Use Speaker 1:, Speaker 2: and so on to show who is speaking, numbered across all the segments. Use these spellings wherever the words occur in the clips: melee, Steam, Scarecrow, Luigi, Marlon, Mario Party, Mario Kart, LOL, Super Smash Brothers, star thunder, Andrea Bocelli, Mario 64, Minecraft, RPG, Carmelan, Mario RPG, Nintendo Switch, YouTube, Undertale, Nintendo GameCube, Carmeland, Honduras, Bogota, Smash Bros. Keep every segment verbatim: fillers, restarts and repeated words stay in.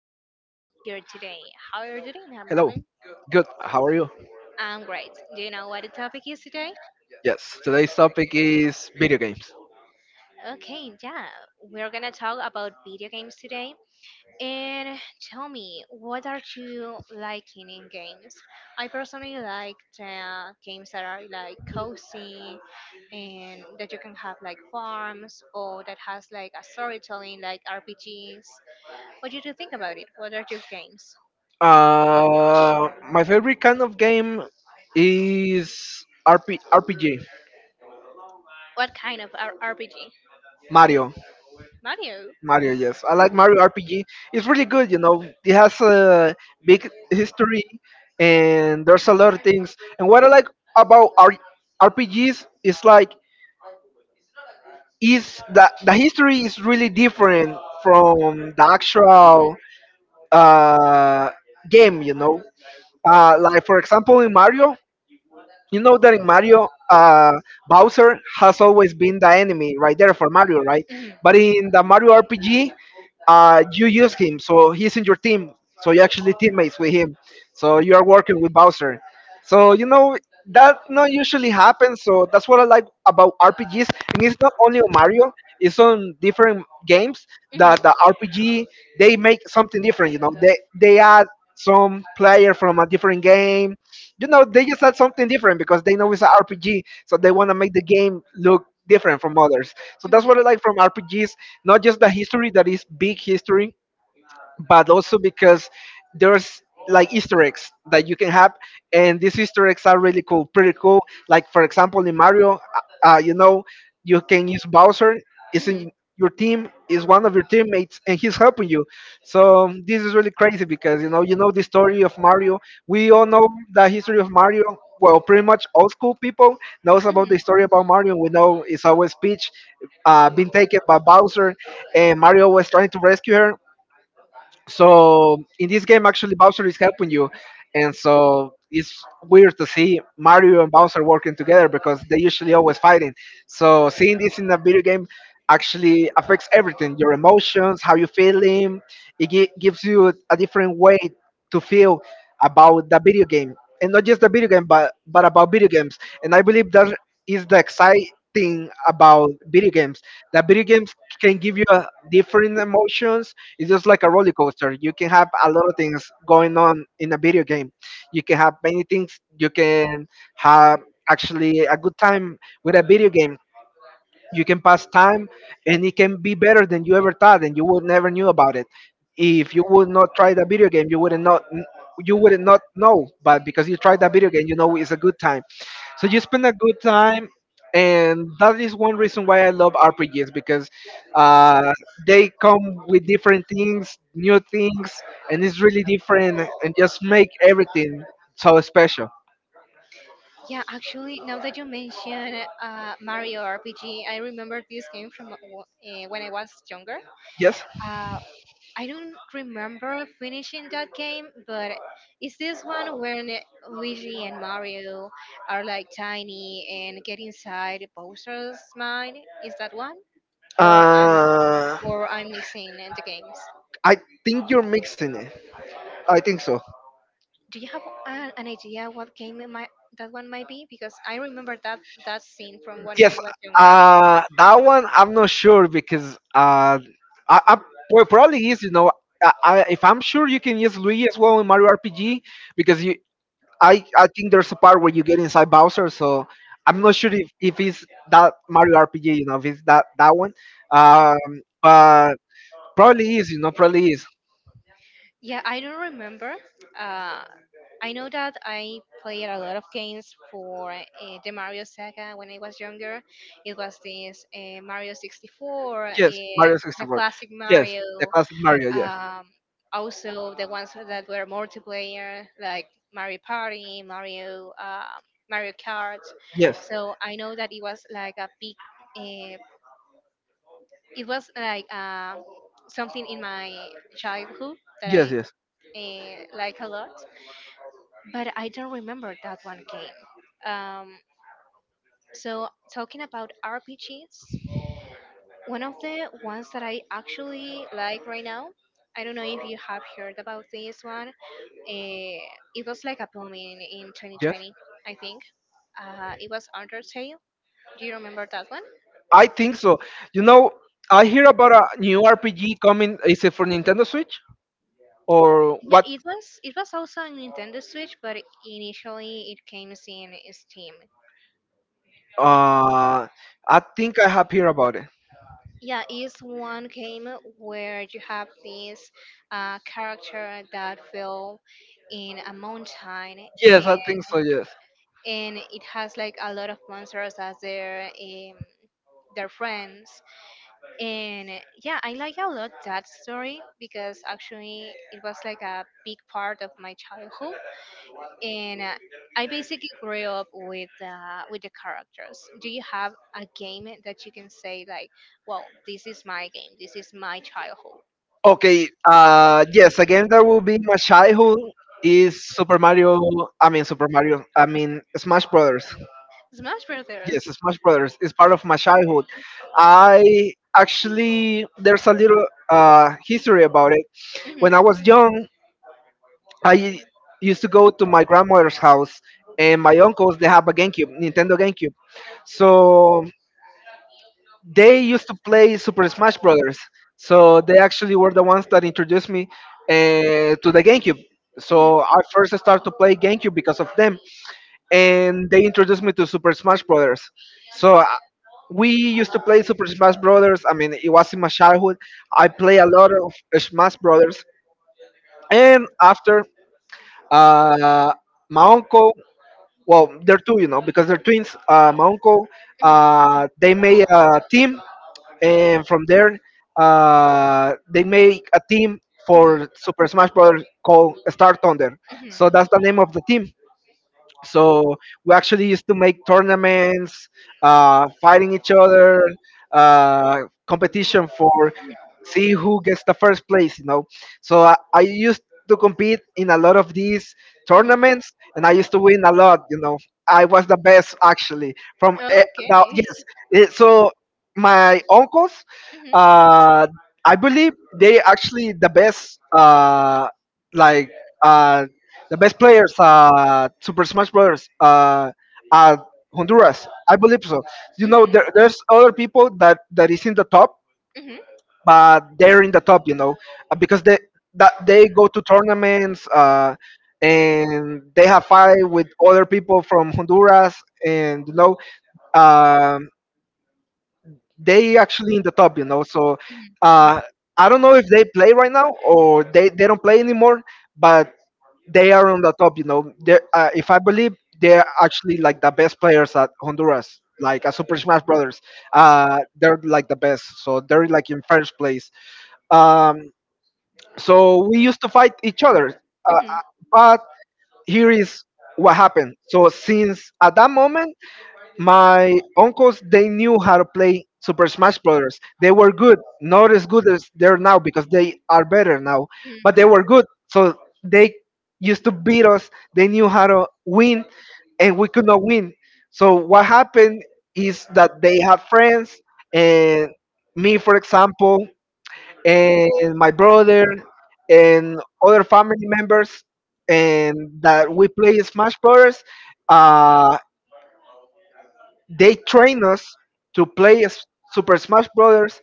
Speaker 1: We have Marlon here today. How are you
Speaker 2: Hello,
Speaker 1: doing, huh, Marlon?
Speaker 2: good. How are you?
Speaker 1: I'm great. Do you know what the topic is today?
Speaker 2: Yes, today's topic is video games.
Speaker 1: Okay, yeah, we're gonna talk about video games today. And tell me, what are you liking in games? I personally like the games that are like cozy and that you can have like farms or that has like a storytelling like R P Gs. What did you think about it? What are your games?
Speaker 2: Uh, my favorite kind of game is R P- R P G.
Speaker 1: What kind of R- RPG?
Speaker 2: Mario.
Speaker 1: Mario.
Speaker 2: Mario, yes. I like Mario R P G. It's really good, you know. It has a big history, and there's a lot of things. And what I like about R- RPGs is like is that the history is really different from the actual uh game, you know. Uh, like for example, in Mario, you know that in Mario, uh, Bowser has always been the enemy right there for Mario, right? But in the Mario R P G, uh, you use him, so he's in your team, so you're actually teammates with him, so you are working with Bowser. So you know that not usually happens. So that's what I like about R P Gs, and it's not only on Mario. It's on different games that the R P G they make something different. You know, they they add some player from a different game. You know, they just add something different because they know it's an R P G, so they want to make the game look different from others. So that's what I like from R P Gs. Not just the history that is big history, but also because there's like Easter eggs that you can have, and these Easter eggs are really cool, pretty cool. Like for example, in Mario, uh, uh, you know, you can use Bowser. Is in your team is one of your teammates, and he's helping you. So this is really crazy because you know you know the story of Mario. We all know the history of Mario. Well, pretty much old school people knows about the story about Mario. We know it's always Peach uh, being taken by Bowser, and Mario was trying to rescue her. So in this game, actually, Bowser is helping you, and so it's weird to see Mario and Bowser working together because they usually always fighting. So seeing this in a video game actually affects everything: your emotions, how you feeling. It gi- gives you a different way to feel about the video game, and not just the video game but but about video games. And I believe that is the exciting about video games, that video games can give you a different emotions. It's just like a roller coaster. You can have a lot of things going on in a video game. You can have many things. You can have actually a good time with a video game. You can pass time, and it can be better than you ever thought, and you would never knew about it. If you would not try the video game, you wouldn't not you wouldn't not know. But because you tried that video game, you know it's a good time, so you spend a good time. And that is one reason why I love RPGs because, uh, they come with different things, new things, and it's really different and just make everything so special.
Speaker 1: Yeah, actually, now that you mention uh, Mario R P G, I remember this game from uh, when I was younger.
Speaker 2: Yes.
Speaker 1: Uh, I don't remember finishing that game, but it's this one when Luigi and Mario are like tiny and get inside Bowser's mind? Is that one? Or I'm,
Speaker 2: uh,
Speaker 1: or I'm mixing the games.
Speaker 2: I think you're mixing it. I think so.
Speaker 1: That one might be because
Speaker 2: Yes,
Speaker 1: was.
Speaker 2: uh, that one I'm not sure because uh, I, I well, probably is. You know, I, I, if I'm sure you can use Luigi as well in Mario R P G because you, I, I think there's a part where you get inside Bowser. So I'm not sure if, if it's that Mario R P G. You know, if it's that that one. Um, but probably is. You know, probably is.
Speaker 1: Yeah, that I the Mario Saga when I was was this uh, Mario sixty-four,
Speaker 2: Yes, Mario
Speaker 1: the
Speaker 2: sixty-four.
Speaker 1: classic
Speaker 2: Yes,
Speaker 1: Mario.
Speaker 2: the classic Mario. Yeah.
Speaker 1: Um, Also the ones that were multiplayer like Mario Party, Mario uh, Mario Kart.
Speaker 2: Yes.
Speaker 1: So I know that it was like a big. Uh, it was like uh, something in my childhood that
Speaker 2: Yes.
Speaker 1: I
Speaker 2: Yes.
Speaker 1: uh, like a lot. But I don't remember that one game. Um, so talking about R P Gs, one of the ones that I actually like right now, I don't know if you have heard about this one. eh, it was like a boom in, in
Speaker 2: Yes.
Speaker 1: two thousand twenty, I think. Uh, it was Undertale. Do you remember that one?
Speaker 2: I think so. You know, I hear about a new R P G coming. Is it for Nintendo Switch or
Speaker 1: Yeah,
Speaker 2: what?
Speaker 1: it was. It was also on Nintendo Switch. Initially, it came in Steam.
Speaker 2: Uh, I think I have heard about it.
Speaker 1: Yeah, it's one have this uh, character built in a mountain,
Speaker 2: Yes, I think so. Yes.
Speaker 1: and it has like a lot of monsters as their um, their friend. Yeah, I like my and uh, I basically grew up with, uh, with the characters. Do you have a game that you can say like, "Well, this is my game. This is my
Speaker 2: Okay. Uh, yes. A game that will be my childhood. Is Super Mario? I mean, Super Mario. I mean, Smash Brothers.
Speaker 1: Sma-
Speaker 2: Yes, Smash Brothers is part of my childhood. I actually there's a little uh, history about it. When I was young, I u- used to go to my grandmother's house, and my uncles they have a GameCube, Nintendo GameCube. So they used to play Super Smash Brothers. So they actually were the ones that introduced me uh, to the GameCube. So I first started to play GameCube because of them, and they introduced me to Super Smash Brothers. So uh, we used to play Super Smash Brothers. I mean, it was in my childhood. I play a lot of Smash Brothers, and after, uh, my uncle, well, they're two, you know, because they're twins, uh, my uncle, uh, they made a team. And from there, uh, they make a team for Super Smash Brothers called Star Thunder. So that's the name of the team. So we actually used to make tournaments, uh, fighting each other, uh, competition for see who gets the first place, you know. So I, I used to compete in a lot of these tournaments, and I used to win a lot, you know. I was the best actually from e-
Speaker 1: Okay.
Speaker 2: now. Yes. Eh, so my uncles,
Speaker 1: Mhm,
Speaker 2: uh I believe they actually the best, uh like uh the best players uh Super Smash Brothers, uh at Honduras, I believe so. You know, there, there's other people that that is in the top, but they're in the top, you know. Uh, because they that they go to tournaments, uh and they have fight with other people from Honduras, and you know, um they actually in the top, you know. So, uh, I don't know if they play right now or they, they don't play anymore, but they are on the top, you know. They uh, if I believe they're actually like the best players at Honduras, like at Super Smash Brothers. Uh, they're like the best, so they're like in first place. Um, so we used to fight each other, uh, but here is what happened. So since at that moment my uncles they knew how to play Super Smash Brothers. They were good, not as good as they're now because they are better now,
Speaker 1: mhm,
Speaker 2: but they were good. So they used to beat us. They knew how to win, and we could not win. So what happened is that they have friends, and me, for example, and my brother, and other family members, and that we play Smash Brothers. uh, they train us to play S- Super Smash Brothers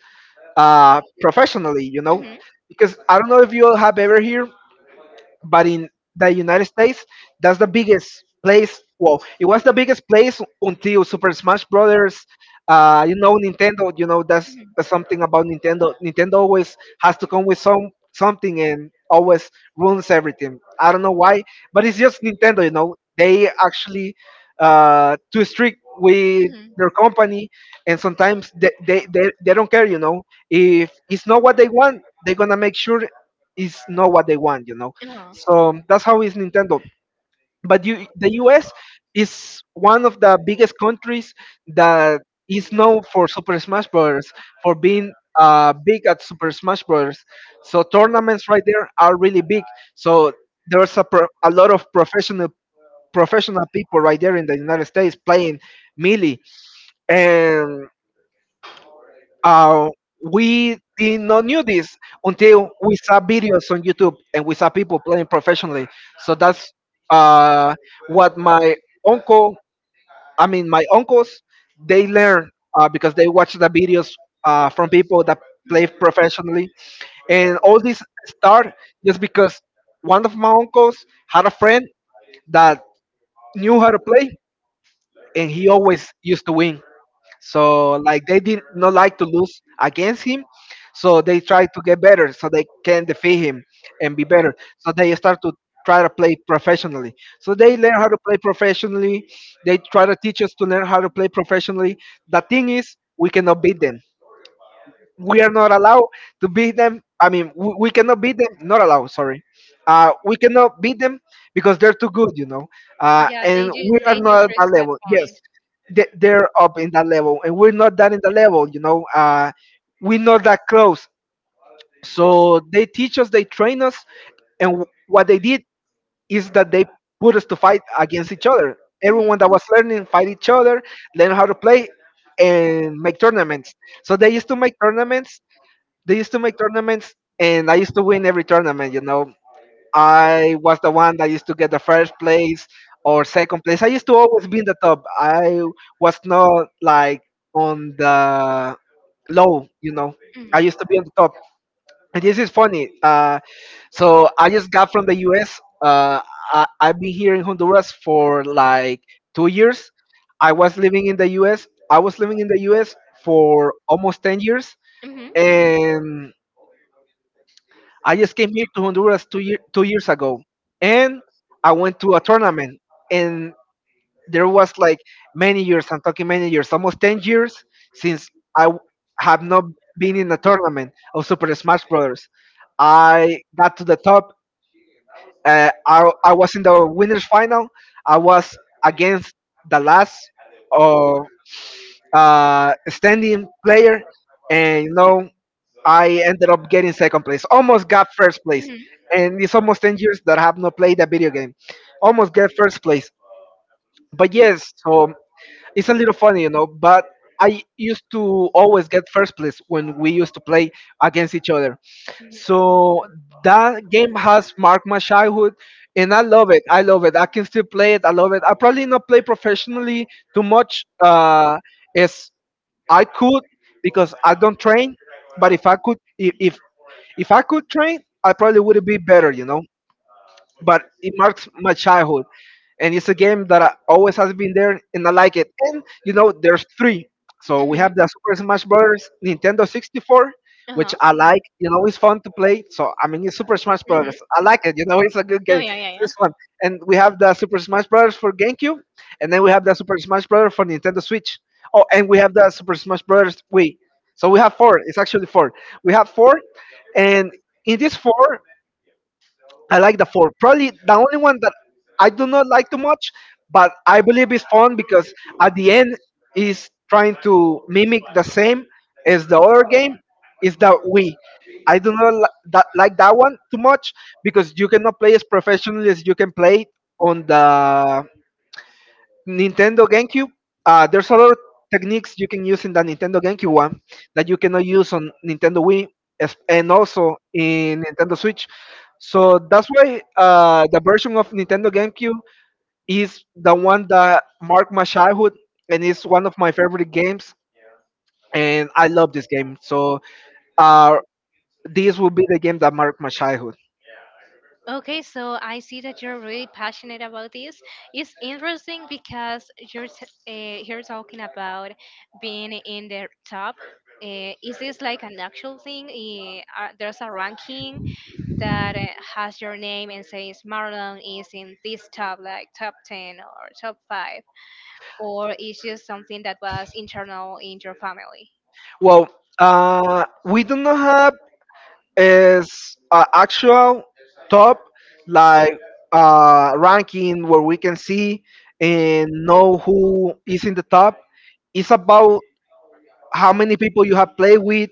Speaker 2: uh, professionally, you know, because I don't know if you all have ever heard, but in the United States, that's the biggest place. Well, it was the biggest place until Super Smash Brothers. Uh, you know, Nintendo. You know, that's, that's something about Nintendo. Nintendo always has to come with some something and always ruins everything. I don't know why, but it's just Nintendo. You know, they actually uh, too strict with their company, and sometimes they, they they they don't care. You know, if it's not what they want, they're gonna make sure it's not what they want. You know, so that's how is Nintendo. But you, the U S is one of the biggest countries that is known for Super Smash Bros., for being uh, big at Super Smash Bros. So tournaments right there are really big. So there's a, pro- a lot of professional professional people right there in the United States playing melee, and uh, we did not knew this until we saw videos on YouTube, and we saw people playing professionally. So that's uh, what my uncle, I mean my uncles, they learn uh, because they watch the videos uh, from people that play professionally, and all this start just because one of my uncles had a friend that knew how to play, and he always used to win. So like they did not like to lose against him, so they try to get better so they can defeat him and be better. So they start to try to play professionally. So they learn how to play professionally. They try to teach us to learn how to play professionally. The thing is, we cannot beat them, we are not allowed to beat them. I mean, we, we cannot beat them. Not allowed. Sorry, uh, we cannot beat them because they're too good, you know. Uh, and we are not at that level. Yes, they, they're up in that level, and we're not that in the level, you know. Uh, we're not that close. So they teach us, they train us, and w- what they did is that they put us to fight against each other. Everyone that was learning fight each other, learn how to play, and make tournaments. So they used to make tournaments they used to make tournaments, and I used to win every tournament. You know, I was the one that used to get the first place or second place. I used to always be in the top. I was not like on the low. You know,
Speaker 1: mhm,
Speaker 2: I used to be on the top. And this is funny. Uh, so I just got from the U S. Uh, I, I've been here in Honduras for like two years. I was living in the U S. I was living in the U S for almost ten years,
Speaker 1: mhm,
Speaker 2: and I just came here to Honduras two year, two years ago, and I went to a tournament, and there was like many years. I'm talking many years, almost ten years since I w- have not been in a tournament of Super Smash Brothers. I got to the top. Uh, I I was in the winners final. I was against the last uh, uh, standing player, and you know I ended up getting second place. Almost got first place.
Speaker 1: mhm,
Speaker 2: And it's almost ten years that I have not played a video game. Almost get first place. But yes, so it's a little funny, you know, but I used to always get first place when we used to play against each other. So that game has marked my childhood, and I love it. I love it. I can still play it. I love it. I probably not play professionally too much uh, as I could because I don't train. But if I could, if if, if I could train, I probably would be better, you know, but it marks my childhood, and it's a game that I, always has been there, and I like it, and you know there's three. So we have the Super Smash Brothers Nintendo sixty-four, which I like, you know, it's fun to play, so I mean it's Super Smash Brothers, I like it, you know, it's a good
Speaker 1: no,
Speaker 2: game,
Speaker 1: yeah,
Speaker 2: this one. And we have the Super Smash Brothers for GameCube, and then we have the Super Smash Brothers for Nintendo Switch. Oh, and we have the Super Smash Brothers Wii. So we have four, it's actually four, we have four. And in these four, I like the four. Probably the only one that I do not like too much, but I believe is fun because at the end is trying to mimic the same as the other game, is the Wii. I do not li- That, like that one too much because you cannot play as professionally as you can play on the Nintendo GameCube. Uh, there's a lot of techniques you can use in the Nintendo GameCube one that you cannot use on Nintendo Wii as- and also in Nintendo Switch. So that's why uh, the version of Nintendo GameCube is the one that marked my childhood and is one of my favorite games.
Speaker 1: yeah.
Speaker 2: And I love this game. So uh, this will be the game that marked my childhood.
Speaker 1: Okay, so I see that you're really passionate about this. It's interesting because you're t- uh, you're talking about being in the top. Uh, is this like an actual thing? Eh, uh, there's a ranking that uh, has your name and says Marlon is in this top, like top ten or top five, or is just something that was internal in your family?
Speaker 2: Well, uh, we do not have is uh, actual top, like uh, ranking where we can see and know who is in the top. It's about how many people you have played with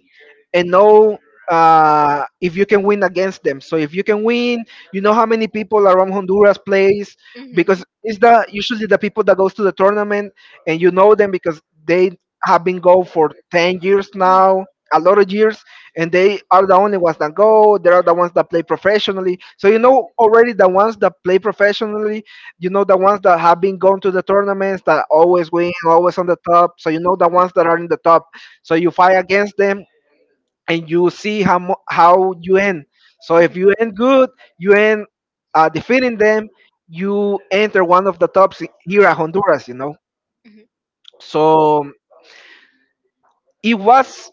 Speaker 2: and know uh, if you can win against them. So if you can win, you know how many people around Honduras plays
Speaker 1: Hmm.
Speaker 2: because it's the usually the people that goes to the tournament, and you know them because they have been go for ten years now, a lot of years, and they are the only ones that go, they are the ones that play professionally, so you know already the ones that play professionally, you know the ones that have been going to the tournaments that always win, always on the top, so you know the ones that are in the top. So you fight against them, and you see how mu- how you end. So if you end good, you end uh, defeating them. You enter one of the tops i- here at Honduras. You know. So it was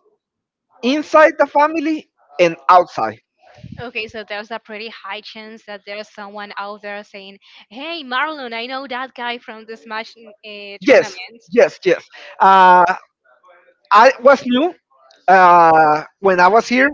Speaker 2: inside the family and outside.
Speaker 1: Okay, so there's a pretty high chance that there's someone out there saying, "Hey, Marlon, I know that guy from this match uh, tournament."
Speaker 2: Yes, yes, yes. Uh, I was new uh, when I was here.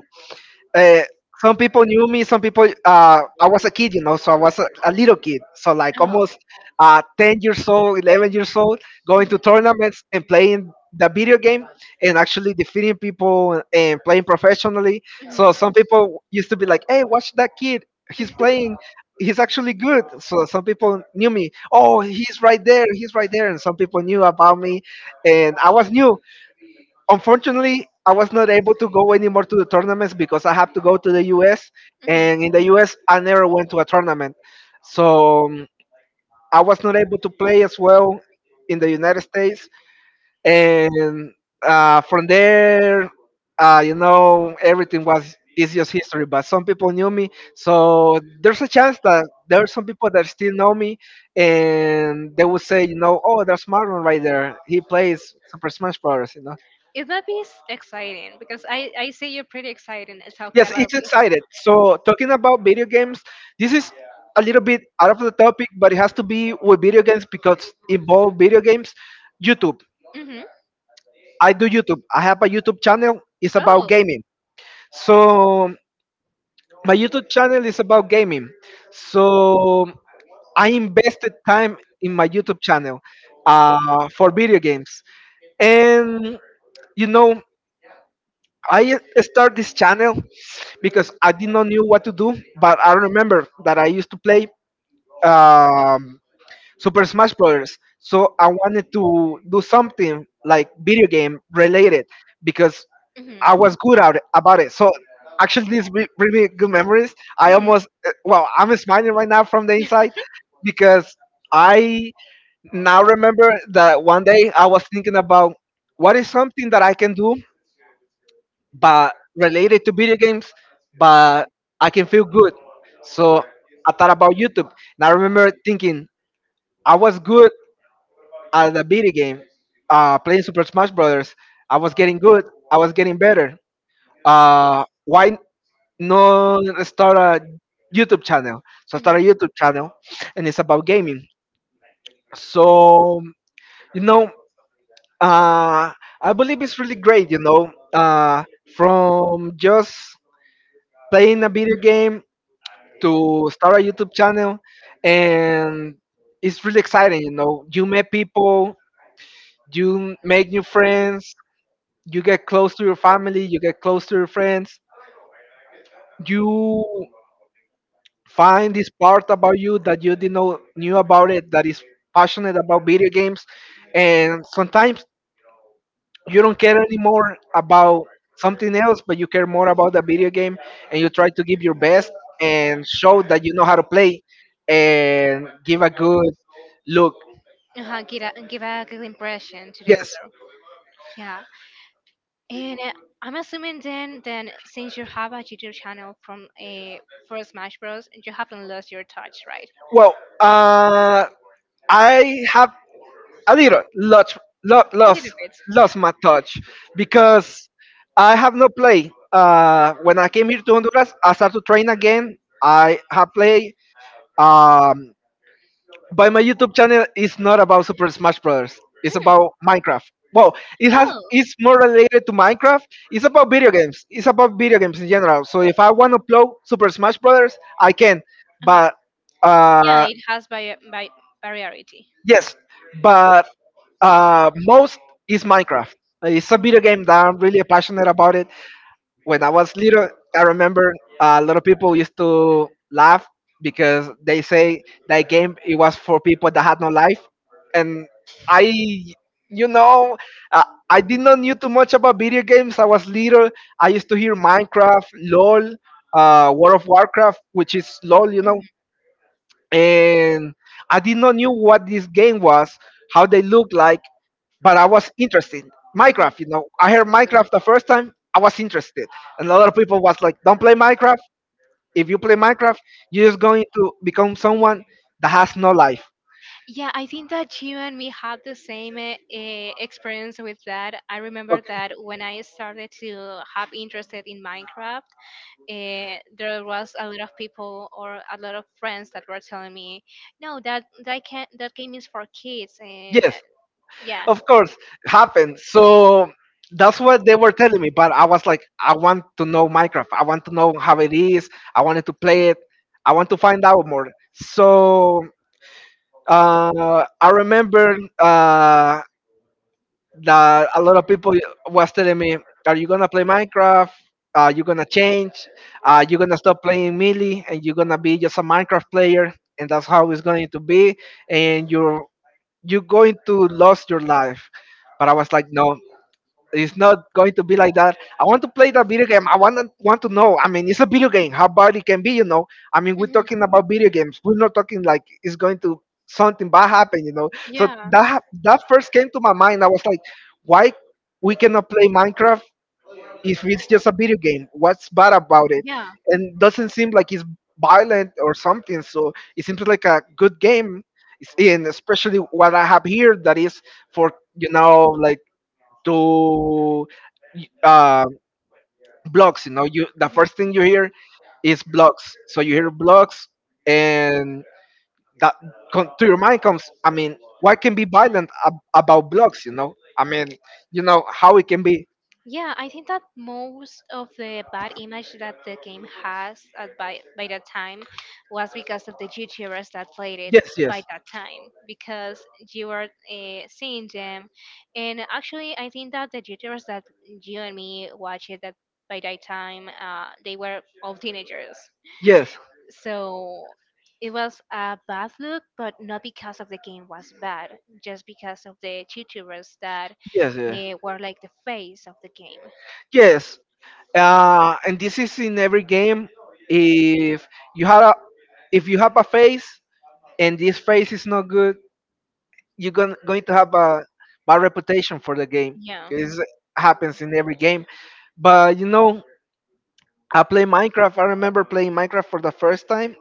Speaker 2: Uh, some people knew me. Some people, uh, I was a kid, you know, so I was a, a little kid, so like almost
Speaker 1: Oh.
Speaker 2: uh, ten years old, eleven years old, going to
Speaker 1: Mhm,
Speaker 2: tournaments and playing the video game and actually defeating people and playing professionally. So
Speaker 1: mhm,
Speaker 2: some people used to be like, "Hey, watch that kid. He's playing. He's actually good." So some people knew me. Oh, he's right there. He's right there. And some people knew about me, and I was new. Unfortunately, I was not able to go anymore to the tournaments because I have to go to the US,
Speaker 1: mhm.
Speaker 2: and in the US I never went to a tournament. So um, I was not able to play as well in the United States, and uh, from there, uh, you know, everything was is just history, but some people knew me, so there's a chance that there are some people that still know me, and they would say, you know, oh, there's Marlon right there, he plays Super Smash Bros. You know.
Speaker 1: It might be s- exciting because I I see you're pretty excited at talking
Speaker 2: Yes, it's
Speaker 1: about this.
Speaker 2: excited. So talking about video games, this is a little bit out of the topic, but it has to be with video games because involve video games. YouTube.
Speaker 1: Hmm.
Speaker 2: I do YouTube. I have a YouTube channel. It's about
Speaker 1: Oh.
Speaker 2: gaming. So my YouTube channel is about gaming. So I invested time in my YouTube channel uh, for video games, and you know I start this channel because I did not knew what to do, but I remember that I used to play um, Super Smash Brothers. So I wanted to do something like video game related because
Speaker 1: Hmm.
Speaker 2: I was good at it, about it. So actually, these re- really good memories. I
Speaker 1: Hmm.
Speaker 2: almost uh, well, I'm smiling right now from the inside because I now remember that one day I was thinking about what is something that I can do but related to video games, but I can feel good. So I thought about YouTube, and I remember thinking I was good at the video game, uh, playing Super Smash Brothers. I was getting good. I was getting better. Uh, why not start a YouTube channel? So I
Speaker 1: Hmm.
Speaker 2: started a YouTube channel, and it's about gaming. So you know, uh, I believe it's really great. You know, uh, from just playing a video game to start a YouTube channel, and it's really exciting. You know, you meet people, you make new friends, you get close to your family, you get close to your friends, you find this part about you that you didn't know knew about it that is passionate about video games, and sometimes you don't care anymore about something else, but you care more about the video game, and you try to give your best and show that you know how to play and give a good look.
Speaker 1: Uh-huh, give a give a good impression to the
Speaker 2: Yes.
Speaker 1: other. Yeah. And uh, I'm assuming then, then since you have a YouTube channel from a for Smash Bros, you haven't lost your touch, right?
Speaker 2: Well, uh, I have a little lost,
Speaker 1: A
Speaker 2: lost,
Speaker 1: little
Speaker 2: lost,
Speaker 1: bit.
Speaker 2: lost my touch because I have not played. Uh, when I came here to Honduras, I started to train again. I have played. Um, But my YouTube channel is not about Super Smash Brothers. It's
Speaker 1: Mm.
Speaker 2: about Minecraft. Well, it has
Speaker 1: Oh,
Speaker 2: it's more related to Minecraft. It's about video games. It's about video games in general. So if I want to upload Super Smash Brothers, I can.
Speaker 1: uh-huh.
Speaker 2: But
Speaker 1: Yeah,
Speaker 2: uh,
Speaker 1: it has by by variety.
Speaker 2: yes, but uh, most is Minecraft. Uh, It's a video game that I'm really passionate about it. When I was little, I remember a lot of people used to laugh because they say that game it was for people that had no life, and I, you know, uh, I did not knew too much about video games. I was little. I used to hear Minecraft, LOL, uh, World of Warcraft, which is LOL, you
Speaker 1: Mhm,
Speaker 2: know, and I did not knew what this game was, how they look like, but I was interested.
Speaker 1: mhm.
Speaker 2: Minecraft, you know, I heard Minecraft the first time, I was interested, and a lot of people was like, "Don't play Minecraft. If you play Minecraft, you're just going to become someone that has no life."
Speaker 1: Yeah, I think that you and me had the same uh, eh, experience with that. I remember
Speaker 2: Okay.
Speaker 1: that when I started to have interested in Minecraft, eh, there was a lot of people or a lot of friends that were telling me, "No, that that can that game is for kids." And uh,
Speaker 2: Yes,
Speaker 1: yes, yeah,
Speaker 2: of course, happened. So that's what they were telling me. But I was like, I want to know Minecraft. I want to know how it is. I wanted to play it. I want to find out more. So Uh, I remember uh, that a lot of people was telling me, "Are you gonna play Minecraft? Are you gonna change? Are you gonna stop playing Melee and you're gonna be just a Minecraft player? And that's how it's going to be. And you're you're going to lose your life." But I was like, "No, it's not going to be like that. I want to play that video game. I want to, want to know. I mean, it's a video game. How bad it can be, you know. I mean, we're
Speaker 1: mhm,
Speaker 2: talking about video games. We're not talking like it's going to something bad happen, you know. So
Speaker 1: yeah,
Speaker 2: that ha- that first came to my mind. I was like, why we cannot play Minecraft if it's just a video game? What's bad about it?
Speaker 1: yeah.
Speaker 2: And doesn't seem like it's violent or something. So it seems like a good game. It's- And especially what I have here, that is for, you know like, to, y- uh, blogs. You know, you the
Speaker 1: Mhm.
Speaker 2: first thing you hear is blogs. So you hear blogs, and that con- to your mind comes. I mean, what can be violent ab- about blogs? You know, I mean, you know how it can be.
Speaker 1: Yeah, I think that most of the bad image that the game has at by by that time was because of the YouTubers that played it
Speaker 2: Yes,
Speaker 1: by
Speaker 2: yes,
Speaker 1: that time because you were uh, seeing them, and actually I think that the YouTubers that you and me watched it that by that time uh, they were all teenagers,
Speaker 2: yes,
Speaker 1: so it was a bad look, but not because of the game was bad, just because of the YouTubers that
Speaker 2: yes, yes.
Speaker 1: uh, were like the face of the game.
Speaker 2: Yes, uh, and this is in every game. If you have a, if you have a face and this face is not good, you're going, going to have a bad reputation for the game.
Speaker 1: Yeah.
Speaker 2: It happens in every game. But you know, I play Minecraft. I remember playing Minecraft for the first time,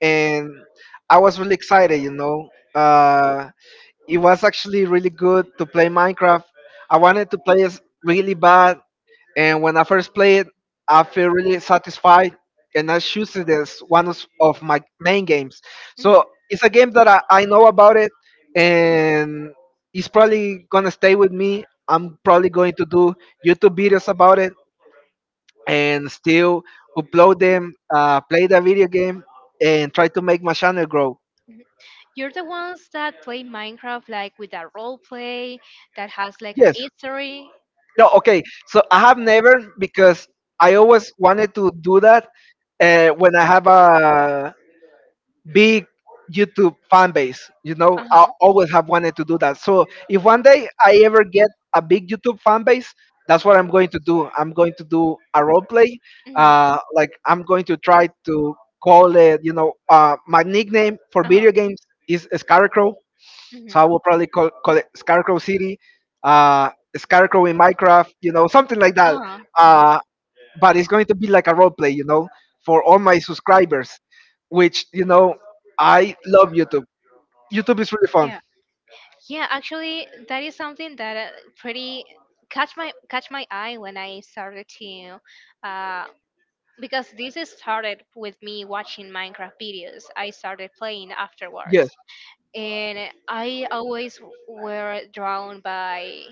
Speaker 2: and I was really excited. You know, uh, it was actually really good to play Minecraft. I wanted to play it really bad, and when I first play it, I feel really satisfied, and I choose it as one of of my main games.
Speaker 1: Mhm,
Speaker 2: So it's a game that I, I know about it, and it's probably gonna stay with me. I'm probably going to do YouTube videos about it, and still upload them, uh, play the video game, and try to make my channel grow.
Speaker 1: mhm. You're the ones that play Minecraft like with a role play that has like an
Speaker 2: Yes.
Speaker 1: yes, history.
Speaker 2: No. Okay. So I have never, because I always wanted to do that uh, when I have a big YouTube fan base. You know,
Speaker 1: Uh
Speaker 2: I
Speaker 1: huh.
Speaker 2: always have wanted to do that. So if one day I ever get a big YouTube fan base, that's what I'm going to do. I'm going to do a role play.
Speaker 1: Mhm.
Speaker 2: Uh, like, I'm going to try to call it. You know, uh, my nickname for
Speaker 1: Uh huh.
Speaker 2: video games is Scarecrow,
Speaker 1: Mhm.
Speaker 2: so I will probably call, call it Scarecrow City, uh, Scarecrow in Minecraft. You know, something like that.
Speaker 1: Uh huh.
Speaker 2: Uh, but it's going to be like a role play, you know, for all my subscribers, which, you know, I love YouTube. YouTube is really fun.
Speaker 1: Yeah, yeah. Actually, that is something that uh, pretty catch my catch my eye when I started to, uh, because this is started with me watching Minecraft videos. I started playing
Speaker 2: Yes,
Speaker 1: afterwards, and I always were drawn by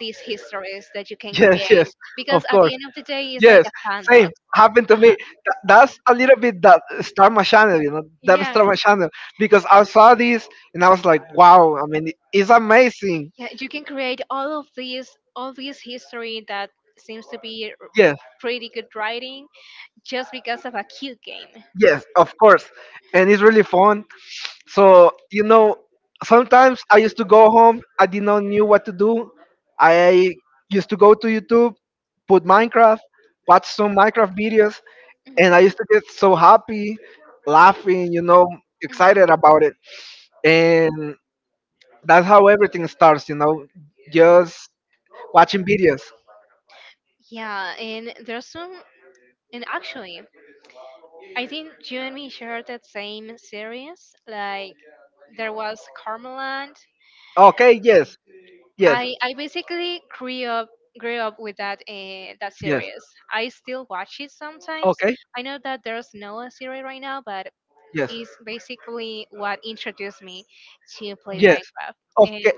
Speaker 1: these histories that you can
Speaker 2: yes,
Speaker 1: create
Speaker 2: yes,
Speaker 1: because
Speaker 2: of
Speaker 1: at
Speaker 2: course.
Speaker 1: the end of the day, it's like
Speaker 2: Yes,
Speaker 1: a
Speaker 2: same
Speaker 1: sandbox.
Speaker 2: happened to me.
Speaker 1: Uh-huh.
Speaker 2: Th- that's a little bit that start my channel, you know, that start
Speaker 1: Yeah,
Speaker 2: my channel because I saw this and I was like, wow, I mean, it's amazing.
Speaker 1: yeah, you can create all of these, all this history that seems to be r-
Speaker 2: Yes,
Speaker 1: pretty good writing just because of a cute game.
Speaker 2: yes, of course. And it's really fun. So, you know, sometimes I used to go home. I did not knew what to do. I used to go to YouTube, put Minecraft, watch some Minecraft videos,
Speaker 1: Mhm,
Speaker 2: and I used to get so happy, laughing, you know, excited
Speaker 1: mhm.
Speaker 2: about it. And that's how everything starts, you know, just watching videos.
Speaker 1: Yeah, and there's some, and actually, I think you and me shared that same series. Like there was Carmeland,
Speaker 2: Okay, yes, yes,
Speaker 1: I I basically grew up grew up with that uh, that
Speaker 2: yes.
Speaker 1: series. I still watch it sometimes.
Speaker 2: Okay,
Speaker 1: I know that there's no a series right now, but
Speaker 2: yes,
Speaker 1: it's basically what introduced me to play
Speaker 2: yes.
Speaker 1: Minecraft. And
Speaker 2: Okay.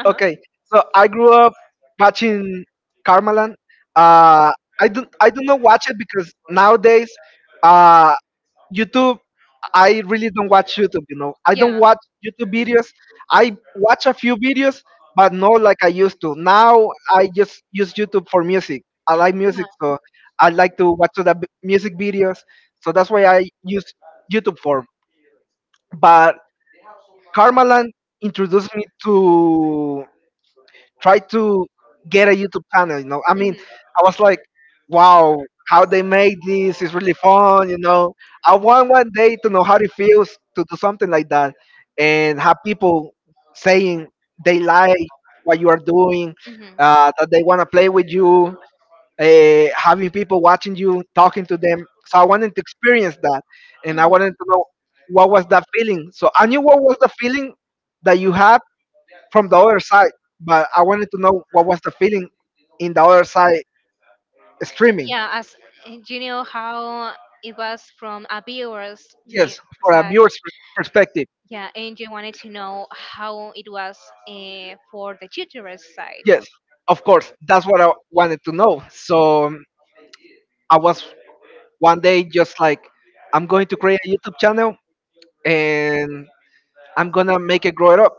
Speaker 1: uh huh,
Speaker 2: Okay, so I grew up watching Carmelan. Uh, I don't I don't know watch it, because nowadays, uh, YouTube. I really don't watch YouTube. You know, I don't
Speaker 1: yeah,
Speaker 2: watch YouTube videos. I watch a few videos, but not like I used to. Now I just use YouTube for music. I like
Speaker 1: yeah,
Speaker 2: music, so I like to watch the b- music videos. So that's why I use YouTube for. But Carmelan introduced me to try to get a YouTube channel. You know, I mean,
Speaker 1: mm-hmm,
Speaker 2: I was like, wow, how they made this is really fun. You know, I want one day to know how it feels to do something like that and have people saying they like what you are doing, uh, that they want to play with you, uh, having people watching you, talking to them. So I wanted to experience that, and
Speaker 1: mm-hmm,
Speaker 2: I
Speaker 1: hmm,
Speaker 2: wanted to know what was that feeling. So I knew what was the feeling that you had from the other side. But I wanted to know what was the feeling in the other side, streaming.
Speaker 1: yeah. As and you know how it was from a viewer's view
Speaker 2: Yes, for a
Speaker 1: side.
Speaker 2: viewer's pers- perspective.
Speaker 1: Yeah, and you wanted to know how it was uh, for the tutor's side.
Speaker 2: Yes, of course. That's what I wanted to know. So, um, I was one day just like, I'm going to create a YouTube channel and I'm gonna make it grow it up.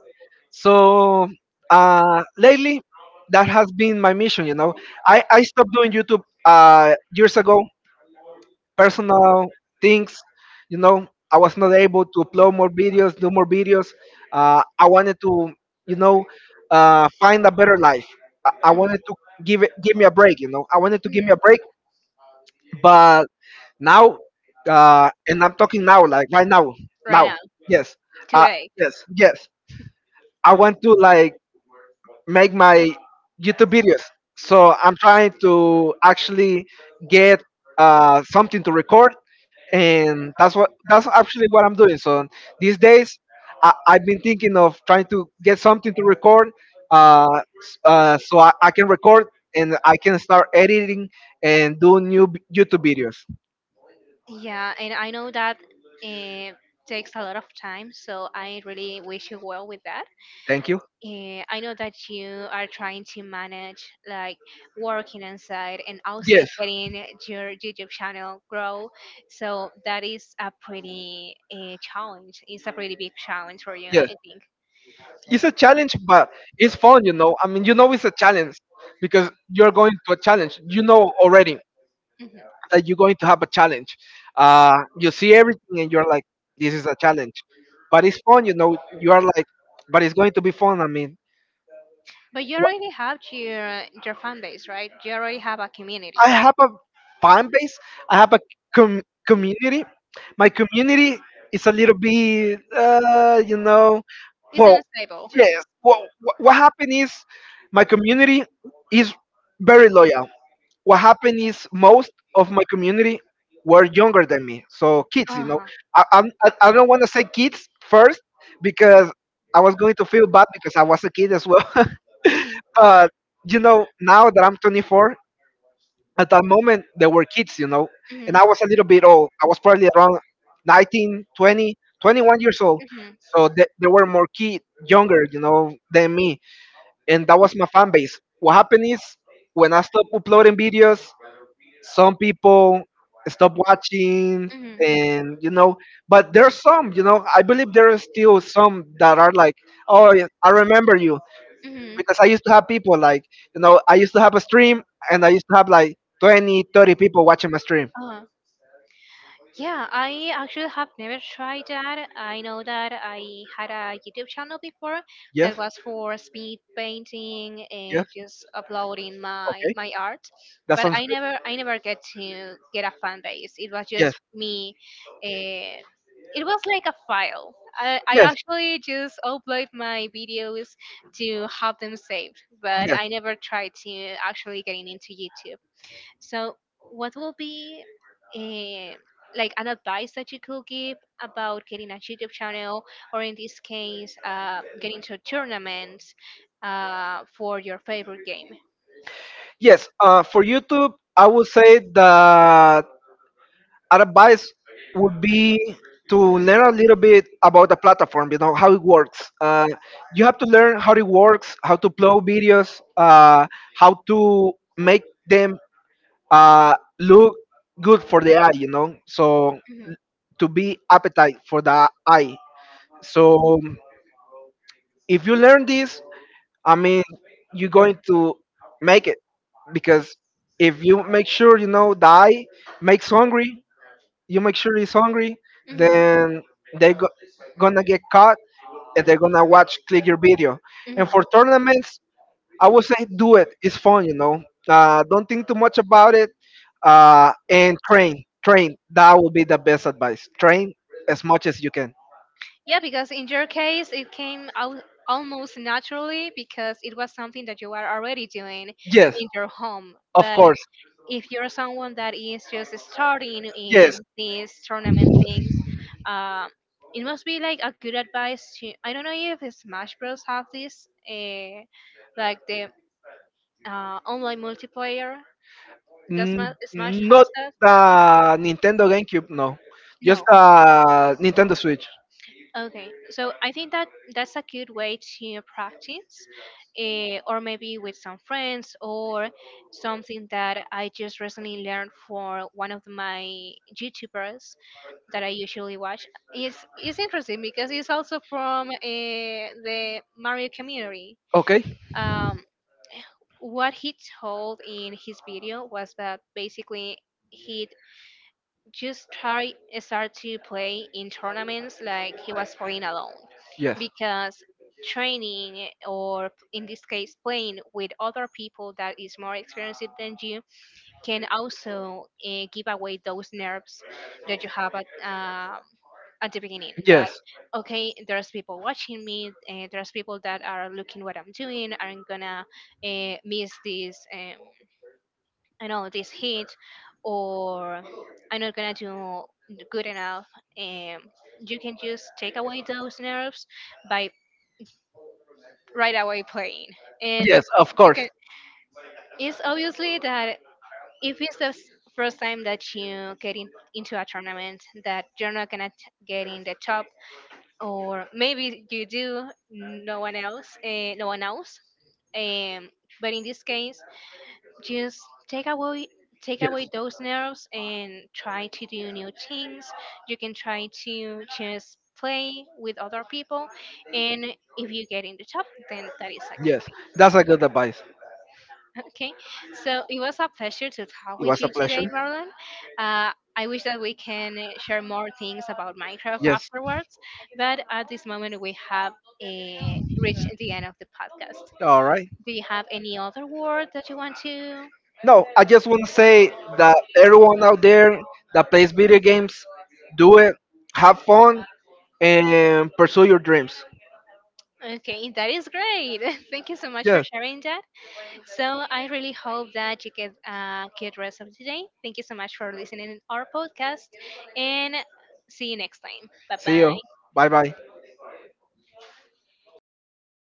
Speaker 2: So, uh, lately, that has been my mission. You know, I I stopped doing YouTube uh, years ago, personal things. You know, I was not able to upload more videos, do more videos. Uh, I wanted to, you know, uh, find a better life. I, I
Speaker 1: Mhm,
Speaker 2: wanted to give it, give me a break. You know, I wanted to give me a break,
Speaker 1: mhm.
Speaker 2: but now, uh, and I'm talking now, like right now,
Speaker 1: Right
Speaker 2: now,
Speaker 1: now,
Speaker 2: yes, uh,
Speaker 1: today.
Speaker 2: yes, yes. I want to, like, make my YouTube videos. So I'm trying to actually get uh, something to record, and that's what that's actually what I'm doing. So these days, I, I've been thinking of trying to get something to record, uh, s- uh, so I, I can record and I can start editing and do new b- YouTube videos.
Speaker 1: Yeah, and I know that uh, takes a lot of time, so I really wish you well with that.
Speaker 2: Thank you.
Speaker 1: Uh, I know that you are trying to manage like working inside and also
Speaker 2: Yes,
Speaker 1: getting your YouTube channel grow. So that is a pretty uh, challenge. It's a pretty big challenge for you,
Speaker 2: yes.
Speaker 1: I think.
Speaker 2: It's a challenge, but it's fun. You know, I mean, you know, it's a challenge, because you're going to a challenge. You know already
Speaker 1: Mm-hmm.
Speaker 2: that you're going to have a challenge. Uh, you see everything and you're like, this is a challenge. But it's fun, you know. You are like, but it's going to be fun. I mean,
Speaker 1: But you
Speaker 2: wh-
Speaker 1: already have your your fan base, right? You already have a community.
Speaker 2: I have a fan base. I have a com- community. My community is a little bit, uh, you know,
Speaker 1: It's
Speaker 2: well,
Speaker 1: unstable.
Speaker 2: yes. What what happened is my community is very loyal. What happened is most of my community were younger than me, so kids, you know.
Speaker 1: Uh-huh.
Speaker 2: I I'm, i, I don't want to say kids first because I was going to feel bad because I was a kid as well,
Speaker 1: Mhm,
Speaker 2: but, you know, now that I'm twenty-four, at that moment they were kids, you know,
Speaker 1: mhm,
Speaker 2: and I was a little bit old. I was probably around nineteen, twenty, twenty-one years old,
Speaker 1: mhm,
Speaker 2: so they, they were more kid, younger, you know, than me, and that was my fan base. What happened is, when I stopped uploading videos, some people stop watching,
Speaker 1: mhm,
Speaker 2: and, you know, but there's some, you know, I believe there is still some that are like, oh yeah, I remember you,
Speaker 1: mhm.
Speaker 2: because I used to have people like, you know, I used to have a stream, and I used to have like twenty, thirty people watching my stream.
Speaker 1: Uh, yeah, I actually have never tried that. I know that I had a YouTube channel before that
Speaker 2: Yes,
Speaker 1: was for speed painting
Speaker 2: yes.
Speaker 1: and just uploading my
Speaker 2: Okay,
Speaker 1: my art,
Speaker 2: that
Speaker 1: but
Speaker 2: sounds
Speaker 1: I
Speaker 2: good.
Speaker 1: never I never get to get a fan base. It was just
Speaker 2: Yes,
Speaker 1: me. Uh, it was like a file. I, I
Speaker 2: yes,
Speaker 1: actually just upload my videos to have them saved, but
Speaker 2: yes,
Speaker 1: I never tried to actually getting into YouTube. So, what will be eh, like an advice that you could give about getting a YouTube channel, or in this case, uh, getting to tournaments uh, for your favorite game?
Speaker 2: yes. Uh, for YouTube, I would say that advice would be to learn a little bit about the platform, you know, how it works. Uh, you have to learn how it works, how to upload videos, uh, how to make them uh, look good for the eye, you know. So
Speaker 1: Hmm.
Speaker 2: to be appetite for the eye, so if you learn this, I mean, you're going to make it, because if you make sure, you know, the eye makes hungry, you make sure he's hungry,
Speaker 1: Hmm.
Speaker 2: then they go, gonna get caught and they're gonna watch click your video. And
Speaker 1: Hmm.
Speaker 2: for tournaments, I would say do it. It's fun, you know. Uh, don't think too much about it. Uh, and train, train. That would be the best advice. Train as much as you can.
Speaker 1: Yeah, because in your case, it came out almost naturally because it was something that you are already doing
Speaker 2: Yes,
Speaker 1: in your home.
Speaker 2: of
Speaker 1: But
Speaker 2: course.
Speaker 1: if you're someone that is just starting in
Speaker 2: Yes,
Speaker 1: these tournament things, uh, it must be like a good advice to. I don't know if Smash Bros have this, uh, like the uh, online multiplayer. Does Ma-
Speaker 2: N-
Speaker 1: Smash
Speaker 2: not
Speaker 1: has that?
Speaker 2: the Nintendo GameCube, no. Just
Speaker 1: No.
Speaker 2: the Nintendo Switch.
Speaker 1: Okay, so I think that that's a good way to practice, eh, or maybe with some friends, or something that I just recently learned for one of my YouTubers that I usually watch. It's, it's interesting because it's also from eh, the Mario community.
Speaker 2: Okay,
Speaker 1: Um, what he told in his video was that basically he just try start to play in tournaments like he was playing alone
Speaker 2: yes.
Speaker 1: because training or in this case playing with other people that is more experienced than you can also uh, give away those nerves that you have at, uh, at the beginning that
Speaker 2: Yes.
Speaker 1: okay there's people watching me, uh, there's people that are looking what I'm doing, I'm gonna uh, miss this, um, I know this hit, or I'm not gonna do good enough. Um, you can just take away those nerves by right away playing, and
Speaker 2: Yes, of
Speaker 1: you can.
Speaker 2: course.
Speaker 1: It's obviously that if it's the s- first time that you get in, into a tournament that you're not gonna t- get in the top, or maybe you do, no one else, uh, no one else. Um, but in this case, just take away take away
Speaker 2: Yes.
Speaker 1: those nerves and try to do new things. You can try to just play with other people, and if you get in the top, then that is a good
Speaker 2: Yes.
Speaker 1: thing.
Speaker 2: That's a good advice.
Speaker 1: Okay, so it was a pleasure to talk
Speaker 2: It
Speaker 1: with
Speaker 2: was
Speaker 1: you
Speaker 2: a
Speaker 1: today,
Speaker 2: pleasure.
Speaker 1: Marlon. uh, I wish that we can uh, share more things about Minecraft
Speaker 2: Yes.
Speaker 1: afterwards, but at this moment we have uh, reached the end of the podcast.
Speaker 2: All right.
Speaker 1: Do you have any other word that you want to?
Speaker 2: No, I just want to say that everyone out there that plays video games, do it, have fun, and pursue your dreams.
Speaker 1: Okay, that is great. Thank you so much for
Speaker 2: Yes.
Speaker 1: sharing that. So I really hope that you get a good rest of the day. Thank you so much for listening to our podcast and see you next time. Bye
Speaker 2: See you.
Speaker 1: bye.
Speaker 2: Bye bye.